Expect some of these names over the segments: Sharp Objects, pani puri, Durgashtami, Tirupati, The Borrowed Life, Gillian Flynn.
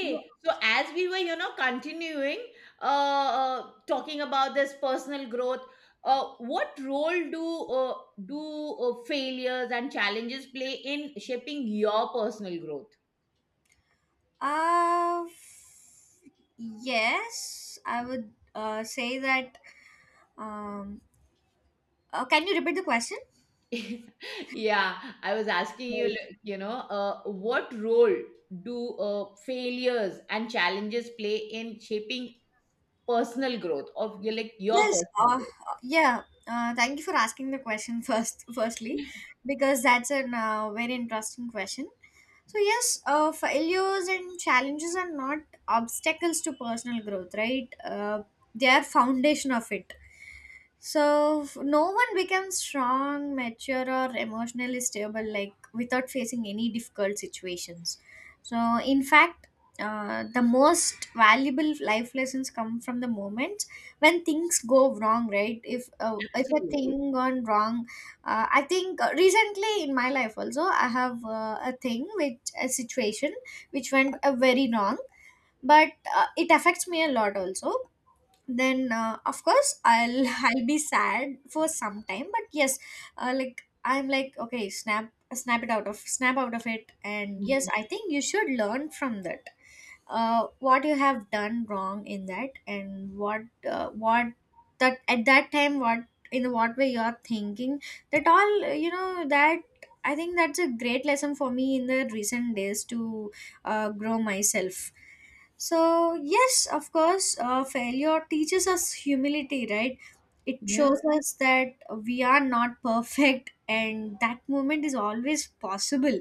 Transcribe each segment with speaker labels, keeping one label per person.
Speaker 1: Yeah.
Speaker 2: so as we were, continuing talking about this personal growth, what role do failures and challenges play in shaping your personal growth?
Speaker 1: Uh, f- yes, I would say that. Um, can you repeat the question?
Speaker 2: Yeah, I was asking you,
Speaker 1: Sorry.
Speaker 2: like, you know, what role do failures and challenges play in shaping personal growth of your
Speaker 1: Yes.
Speaker 2: personal growth?
Speaker 1: Yeah. Thank you for asking the question first. Firstly, because that's a very interesting question. So yes, failures and challenges are not obstacles to personal growth, right? They are foundation of it. So no one becomes strong, mature, or emotionally stable like without facing any difficult situations. So in fact, the most valuable life lessons come from the moments when things go wrong. Right? If a
Speaker 2: Absolutely.
Speaker 1: thing gone wrong, I think recently in my life also I have a thing with a situation which went very wrong, but it affects me a lot also then of course I'll I'll be sad for some time. But yes, like I'm like okay, snap out of it. And yes,
Speaker 2: Mhm.
Speaker 1: I think you should learn from that, what you have done wrong in that and what that at that time, what in what way you are thinking that, all you know that. I think that's a great lesson for me in the recent days to grow myself. So yes, of course, failure teaches us humility, right? It
Speaker 2: Yeah,
Speaker 1: shows us that we are not perfect and that moment is always possible.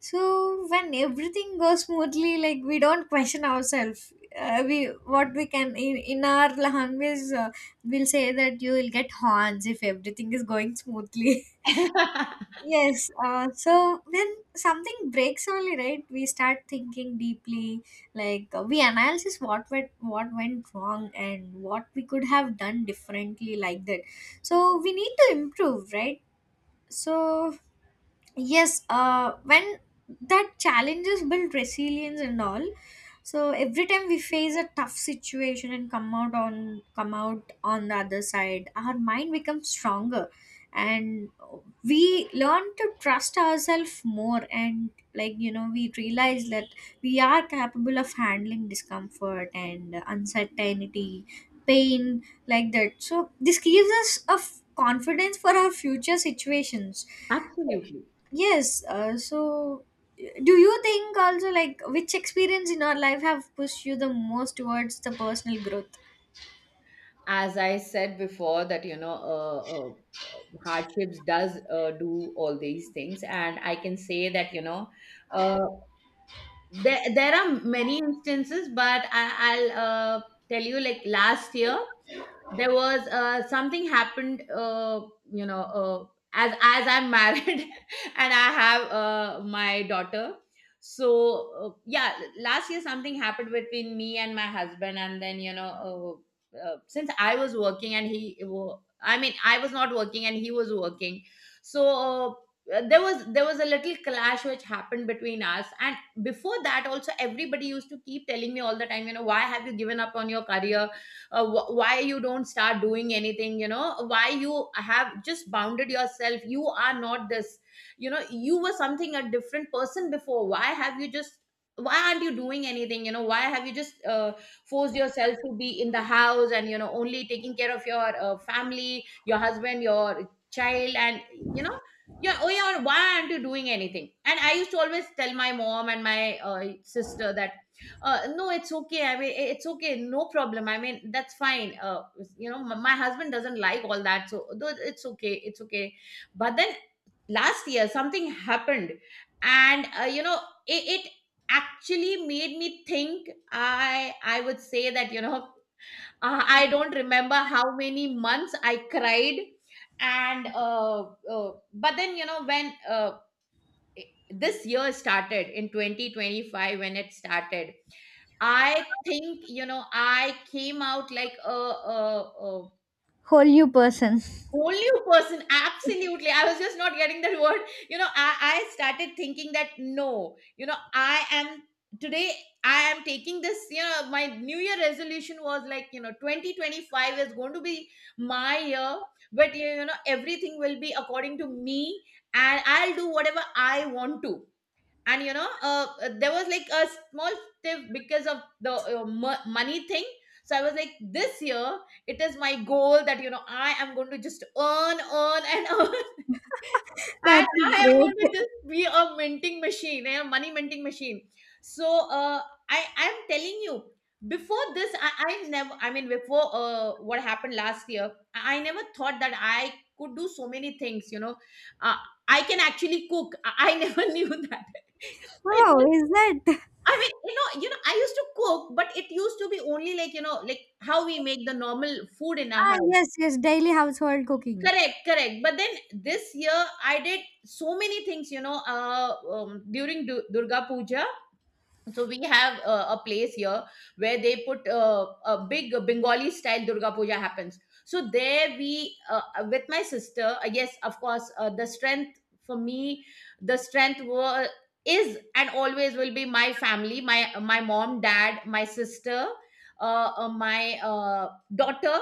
Speaker 1: So when everything goes smoothly, like, we don't question ourselves. We, what we can in our language, we'll say that you will get horns if everything is going smoothly. Yes, so when something breaks only, right, we start thinking deeply, like, we analyze what went wrong and what we could have done differently, like that. So we need to improve, right? So yes, when that challenges build resilience and all. So every time we face a tough situation and come out on the other side, our mind becomes stronger. And we learn to trust ourselves more, and like, you know, we realize that we are capable of handling discomfort and uncertainty, pain, like that. So this gives us confidence for our future situations.
Speaker 2: absolutely.
Speaker 1: Yes, so do you think also, like, which experience in our life have pushed you the most towards the personal growth?
Speaker 2: As I said before, that, you know, hardships does, do all these things. And I can say that, you know, uh, there are many instances, but I'll, tell you, like, last year there was, something happened, you know, as I'm married, and I have my daughter. So, yeah, last year something happened between me and my husband, and then, you know, since I was working and I mean, I was not working and he was working. So, there was, there was a little clash which happened between us. And before that also, everybody used to keep telling me all the time, you know, "Why have you given up on your career? Why you don't start doing anything? You know, why you have just bounded yourself? You are not this. You know, you were something, a different person before. Why have you just, why aren't you doing anything? You know, why have you just forced yourself to be in the house, and, you know, only taking care of your family, your husband, your child, and, you know, yeah, oh yeah, why aren't you doing anything?" And I used to always tell my mom and my sister that, no, it's okay. I mean, it's okay. No problem. I mean, that's fine. You know, my husband doesn't like all that, so though it's okay. It's okay. But then last year something happened, and, you know, it actually made me think. I would say that, you know, I don't remember how many months I cried, and, but then, you know, when, this year started in 2025, when it started, I think, you know, I came out like a, a
Speaker 1: Whole new person.
Speaker 2: whole new person. Absolutely. I was just not getting that word, you know. I started thinking that, no, you know, I am. Today I am taking this, you know. My new year resolution was like, you know, 2025 is going to be my year. But, you know, everything will be according to me, and I'll do whatever I want to. And, you know, there was like a small stiff because of the money thing. So I was like, this year it is my goal that, you know, I am going to just earn, earn, and earn.
Speaker 1: That's
Speaker 2: And I am going to
Speaker 1: great.
Speaker 2: just be a money minting machine. So, I am telling you, before this I never, I mean, before, what happened last year, I never thought that I could do so many things, you know. uh, I can actually cook. I never knew that. it
Speaker 1: Oh, is that?
Speaker 2: I mean, you know, I used to cook, but it used to be only like, you know, like how we make the normal food in our
Speaker 1: Ah,
Speaker 2: house.
Speaker 1: yes, yes, daily household cooking.
Speaker 2: Correct, correct. But then this year I did so many things, you know, during Durga Puja. So we have a place here where they put a big Bengali style Durga Puja happens. So there we, with my sister, yes, of course, the strength for me, the strength was, is, and always will be my family, my mom, dad, my sister, my daughter,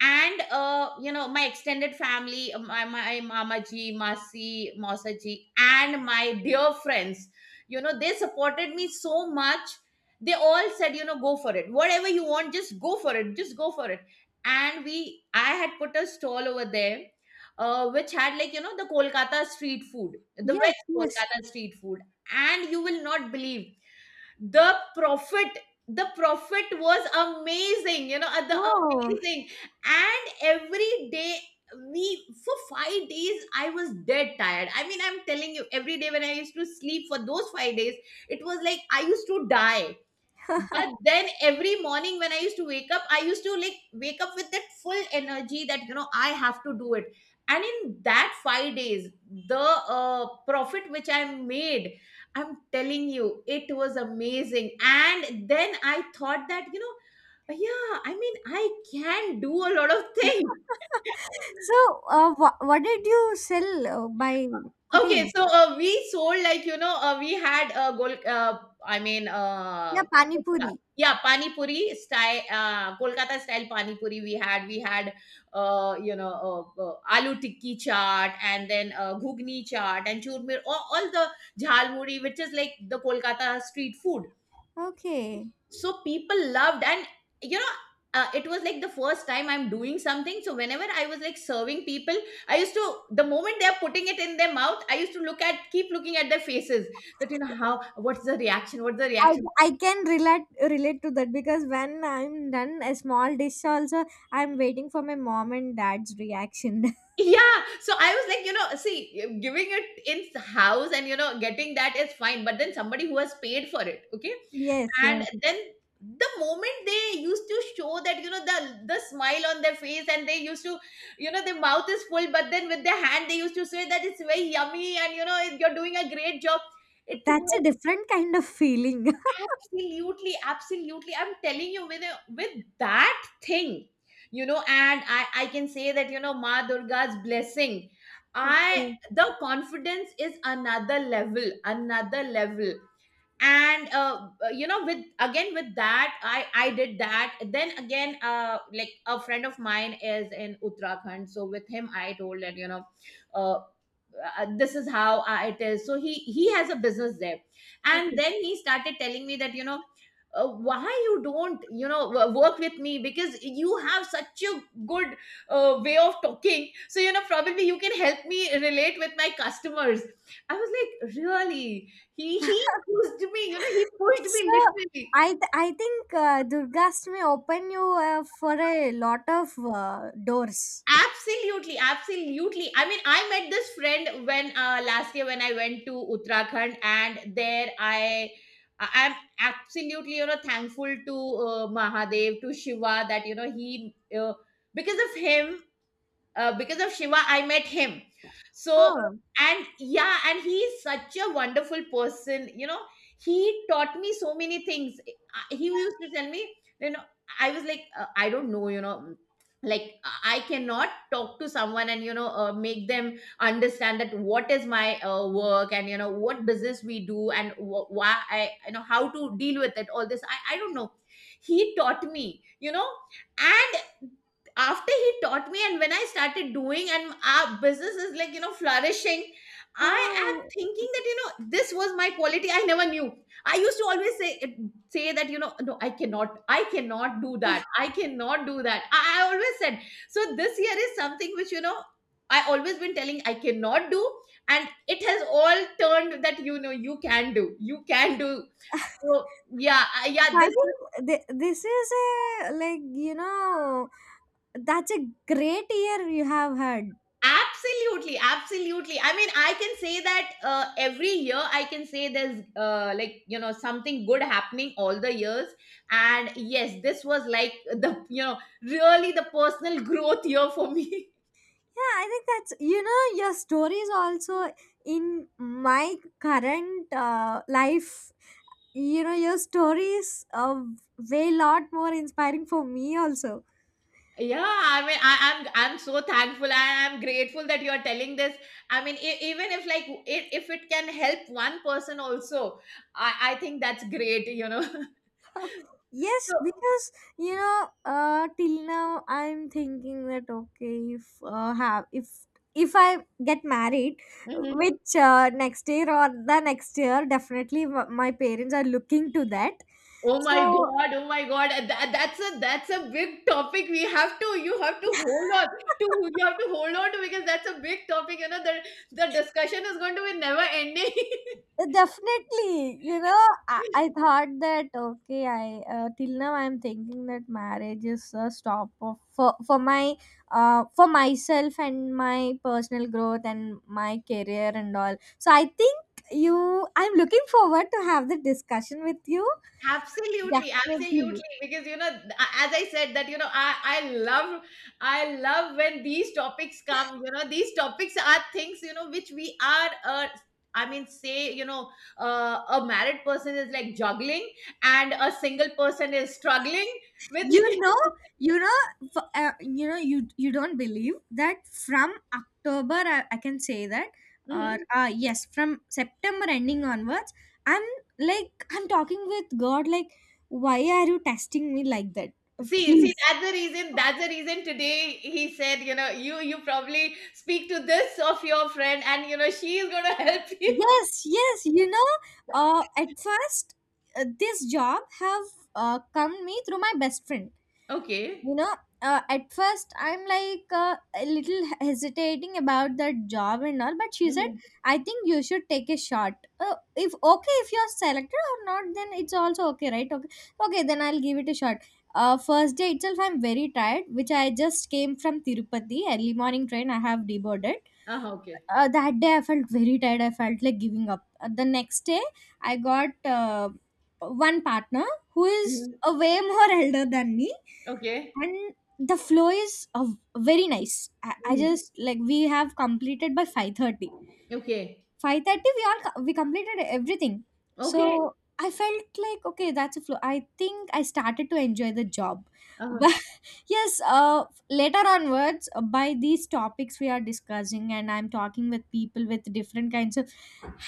Speaker 2: and, you know, my extended family, my mama ji, masi, mausa ji, and my dear friends. You know, they supported me so much. They all said, you know, "Go for it, whatever you want, just go for it, just go for it." And we I had put a stall over there, which had, like, you know, the
Speaker 1: Yes,
Speaker 2: West
Speaker 1: yes.
Speaker 2: Kolkata street food. And you will not believe, the profit, the profit was amazing, you know. The
Speaker 1: Oh.
Speaker 2: Amazing. And every day, we for 5 days I was dead tired. I mean, I'm telling you, every day when I used to sleep for those 5 days, it was like I used to die. But then every morning when I used to wake up, I used to, like, wake up with that full energy that, you know, I have to do it. And in that 5 days, the, profit which I made, I'm telling you, it was amazing. And then I thought that, you know, yeah, I mean, I can do a lot of things.
Speaker 1: So, what did you sell by
Speaker 2: Okay,
Speaker 1: cooking?
Speaker 2: so, we sold, like, you know, we had a gol. I mean,
Speaker 1: Yeah, pani
Speaker 2: puchka.
Speaker 1: puri.
Speaker 2: Yeah, pani puri style, Kolkata style pani puri. We had, you know, aloo tikki chaat, and then ghugni chaat, and churmir, all the jhalmuri, which is like the Kolkata street food.
Speaker 1: Okay.
Speaker 2: So people loved, and, you know, it was like the first time I'm doing something, so whenever I was, like, serving people, I used to the moment they're putting it in their mouth, I used to, look at keep looking at their faces, that, you know, how what's the reaction, what's the
Speaker 1: I,
Speaker 2: reaction.
Speaker 1: I can relate to that, because when I'm done a small dish also, I'm waiting for my mom and dad's reaction.
Speaker 2: yeah, so I was like, you know, see, giving it in house and, you know, getting that is fine. But then somebody who has paid for it, okay.
Speaker 1: Yes,
Speaker 2: And
Speaker 1: yes.
Speaker 2: then the moment they used to show that, you know, the smile on their face, and they used to, you know, their mouth is full, but then with their hand they used to say that it's very yummy and, you know, you're doing a great job. It
Speaker 1: That's a
Speaker 2: was,
Speaker 1: different kind of feeling.
Speaker 2: absolutely, absolutely, I'm telling you, with that thing, you know. And I can say that, you know, Ma Durga's blessing. I
Speaker 1: Okay.
Speaker 2: The confidence is another level, another level. And, you know, with again with that, I did that. Then again, like, a friend of mine is in Uttarakhand, so with him I told that, you know, uh, this is how, it is. So he has a business there. And
Speaker 1: Okay.
Speaker 2: then he started telling me that, you know, "Why you don't, you know, work with me? Because you have such a good way of talking, so, you know, probably you can help me relate with my customers." I was like, really. He pushed me. You know, he pushed me
Speaker 1: So
Speaker 2: literally.
Speaker 1: I th- I think Durgashtami open you for a lot of doors.
Speaker 2: Absolutely, absolutely. I mean, I met this friend when, last year when I went to Uttarakhand, and there am absolutely, you know, thankful to, Mahadev, to Shiva, that, you know, he, because of him because of Shiva, I met him. So,
Speaker 1: Oh,
Speaker 2: and yeah, and he is such a wonderful person. You know, he taught me so many things. He used to tell me, you know, I was like, I don't know, you know, like, I cannot talk to someone and, you know, make them understand that what is my work, and, you know, what business we do, and why I, you know, how to deal with it, all this. I don't know. He taught me, you know, and after he taught me and when I started doing, and our business is, like, you know, flourishing, I am
Speaker 1: wow!
Speaker 2: thinking that, you know, this was my quality, I never knew. I used to always say that, you know, no, I cannot do that, I cannot do that. I always said, so this year is something which, you know, I always been telling I cannot do, and it has all turned that, you know, you can do, you can do. So yeah,
Speaker 1: So
Speaker 2: yeah,
Speaker 1: I
Speaker 2: this.
Speaker 1: think th- this is a, like, you know, that's a great year you have had.
Speaker 2: Absolutely, absolutely. I mean, I can say that, every year I can say there's, like, you know, something good happening all the years, and yes, this was like, the you know, really the personal growth year for me.
Speaker 1: Yeah, I think that's, you know, your story is also in my current life. You know, your story is way lot more inspiring for me also.
Speaker 2: Yeah, I mean, I'm so thankful, and I'm grateful that you're telling this. I mean, even if like if it can help one person also, I think that's great. You know, so.
Speaker 1: Yes, because you know till now I'm thinking that okay, if if I get married,
Speaker 2: Mhm.
Speaker 1: which next year or the next year, definitely my parents are looking to that.
Speaker 2: Oh my
Speaker 1: So
Speaker 2: God, oh my God. That's a big topic. We have to You have to hold on to, you have to hold on to, because that's a big topic. You know, the discussion is going to be never ending.
Speaker 1: Definitely, you know, I thought that okay, I till now I'm thinking that marriage is a stop of, for my for myself and my personal growth and my career and all. So I think you, I'm looking forward to have the discussion with you.
Speaker 2: Absolutely,
Speaker 1: Definitely.
Speaker 2: absolutely. Because, you know, as I said that, you know, I love when these topics come. You know, these topics are things, you know, which we are, I mean, say, you know, a married person is like juggling and a single person is struggling with.
Speaker 1: you know you know, you don't believe that from October, I can say that, or
Speaker 2: Mhm.
Speaker 1: yes, from September ending onwards, I'm, like, I'm talking with God, like, why are you testing me like that?
Speaker 2: See, see,
Speaker 1: Please.
Speaker 2: that's the reason. That's the reason today he said, you know, you probably speak to this of your friend, and you know she is gonna help you.
Speaker 1: Yes, yes, you know, at first this job have come me through my best friend. You
Speaker 2: Okay.
Speaker 1: know, at first I'm like, a little hesitating about that job and all, but she said,
Speaker 2: Uh
Speaker 1: I think you should take a shot. If, okay, if you're selected or not, then it's also okay, right? Okay, okay, then I'll give it a shot. First day itself I'm very tired, which I just came from Tirupati, early morning train I have deboarded.
Speaker 2: huh. Okay.
Speaker 1: That day I felt very tired, I felt like giving up. The next day I got uh, one partner who is
Speaker 2: Mhm.
Speaker 1: way more elder than me,
Speaker 2: Okay.
Speaker 1: and the flow is very nice. I
Speaker 2: Mhm.
Speaker 1: just, like, we have completed by 5:30.
Speaker 2: Okay.
Speaker 1: 5:30 we we completed everything.
Speaker 2: Okay.
Speaker 1: So I felt like, okay, that's a flow, I think I started to enjoy the job.
Speaker 2: uh
Speaker 1: But yes, later onwards, by these topics we are discussing and I'm talking with people with different kinds of,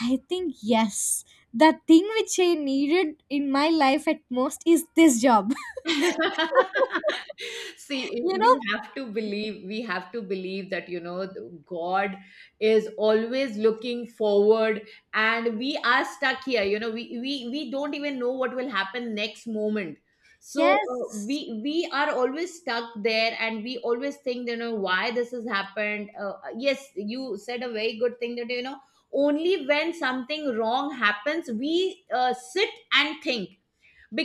Speaker 1: I think, yes, the thing which I needed in my life at most is this job.
Speaker 2: See,
Speaker 1: You
Speaker 2: we
Speaker 1: know.
Speaker 2: have to believe, we have to believe that, you know, God is always looking forward, and we are stuck here. You know, we don't even know what will happen next moment. So,
Speaker 1: Yes.
Speaker 2: we are always stuck there, and we always think, you know, why this has happened. Yes, you said a very good thing, that, you know, only when something wrong happens, we, sit and think,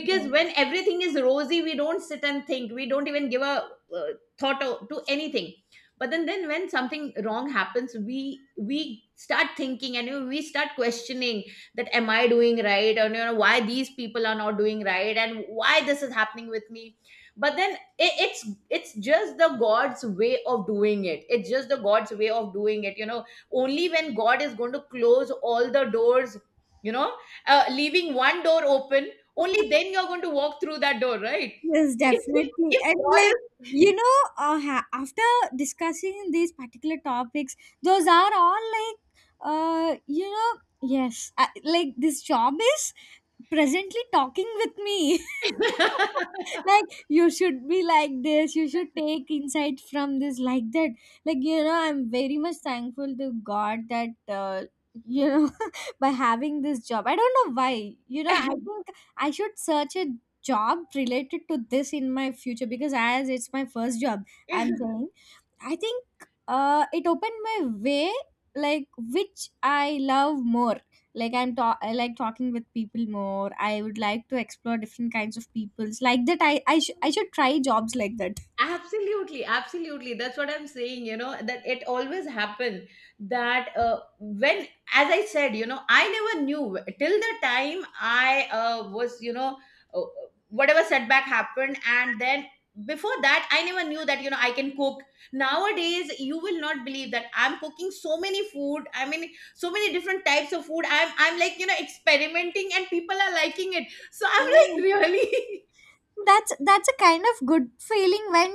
Speaker 1: Yes.
Speaker 2: when everything is rosy, we don't sit and think, we don't even give a, uh, thought to anything. But then when something wrong happens, we start thinking, and, you know, we start questioning, that, am I doing right, and, you know, why these people are not doing right, and why this is happening with me. But then it, it's it's just the God's way of doing it, it's just the God's way of doing it, you know. Only when God is going to close all the doors, you know, leaving one door open, only then you're going to walk through that door, right?
Speaker 1: Yes,
Speaker 2: if,
Speaker 1: definitely.
Speaker 2: if
Speaker 1: And
Speaker 2: God
Speaker 1: like, you know, after discussing these particular topics, those are all like, you know, yes, I, like this job is presently talking with me. Like, you should be like this, you should take insight from this, like that. Like, you know, I'm very much thankful to God that you know, by having this job, I don't know why, you know, I think I should search it, job related to this in my future, because as it's my first job,
Speaker 2: is,
Speaker 1: I'm saying, I think it opened my way, like, which I love more. Like, I like talking with people more, I would like to explore different kinds of peoples, like that, I should try jobs like that.
Speaker 2: absolutely, absolutely, that's what I'm saying, you know, that it always happened. That, when, as I said, you know, I never knew till the time I, was, you know, uh, whatever setback happened, and then before that, I never knew that, you know, I can cook. Nowadays you will not believe that I'm cooking so many food, I mean so many different types of food. I'm, like, you know, experimenting, and people are liking it, so I'm like,
Speaker 1: Oh.
Speaker 2: really,
Speaker 1: That's a kind of good feeling when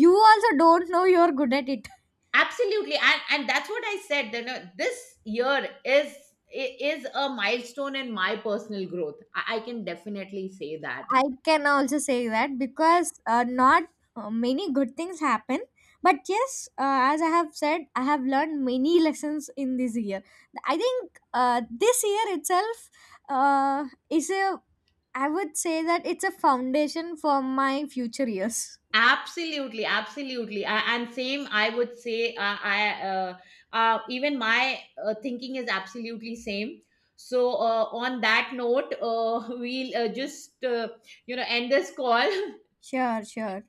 Speaker 1: you also don't know you're good at it.
Speaker 2: absolutely. And that's what I said, you know, this year is, is a milestone in my personal growth. I can definitely say that.
Speaker 1: I can also say that, because not many good things happen. But yes, as I have said, I have learned many lessons in this year. I think this year itself uh, is a, I would say that it's a foundation for my future years.
Speaker 2: Absolutely, absolutely. And same, I would say, I even my thinking is absolutely same. So, on that note, we'll, just, you know, end this call.
Speaker 1: Sure, sure.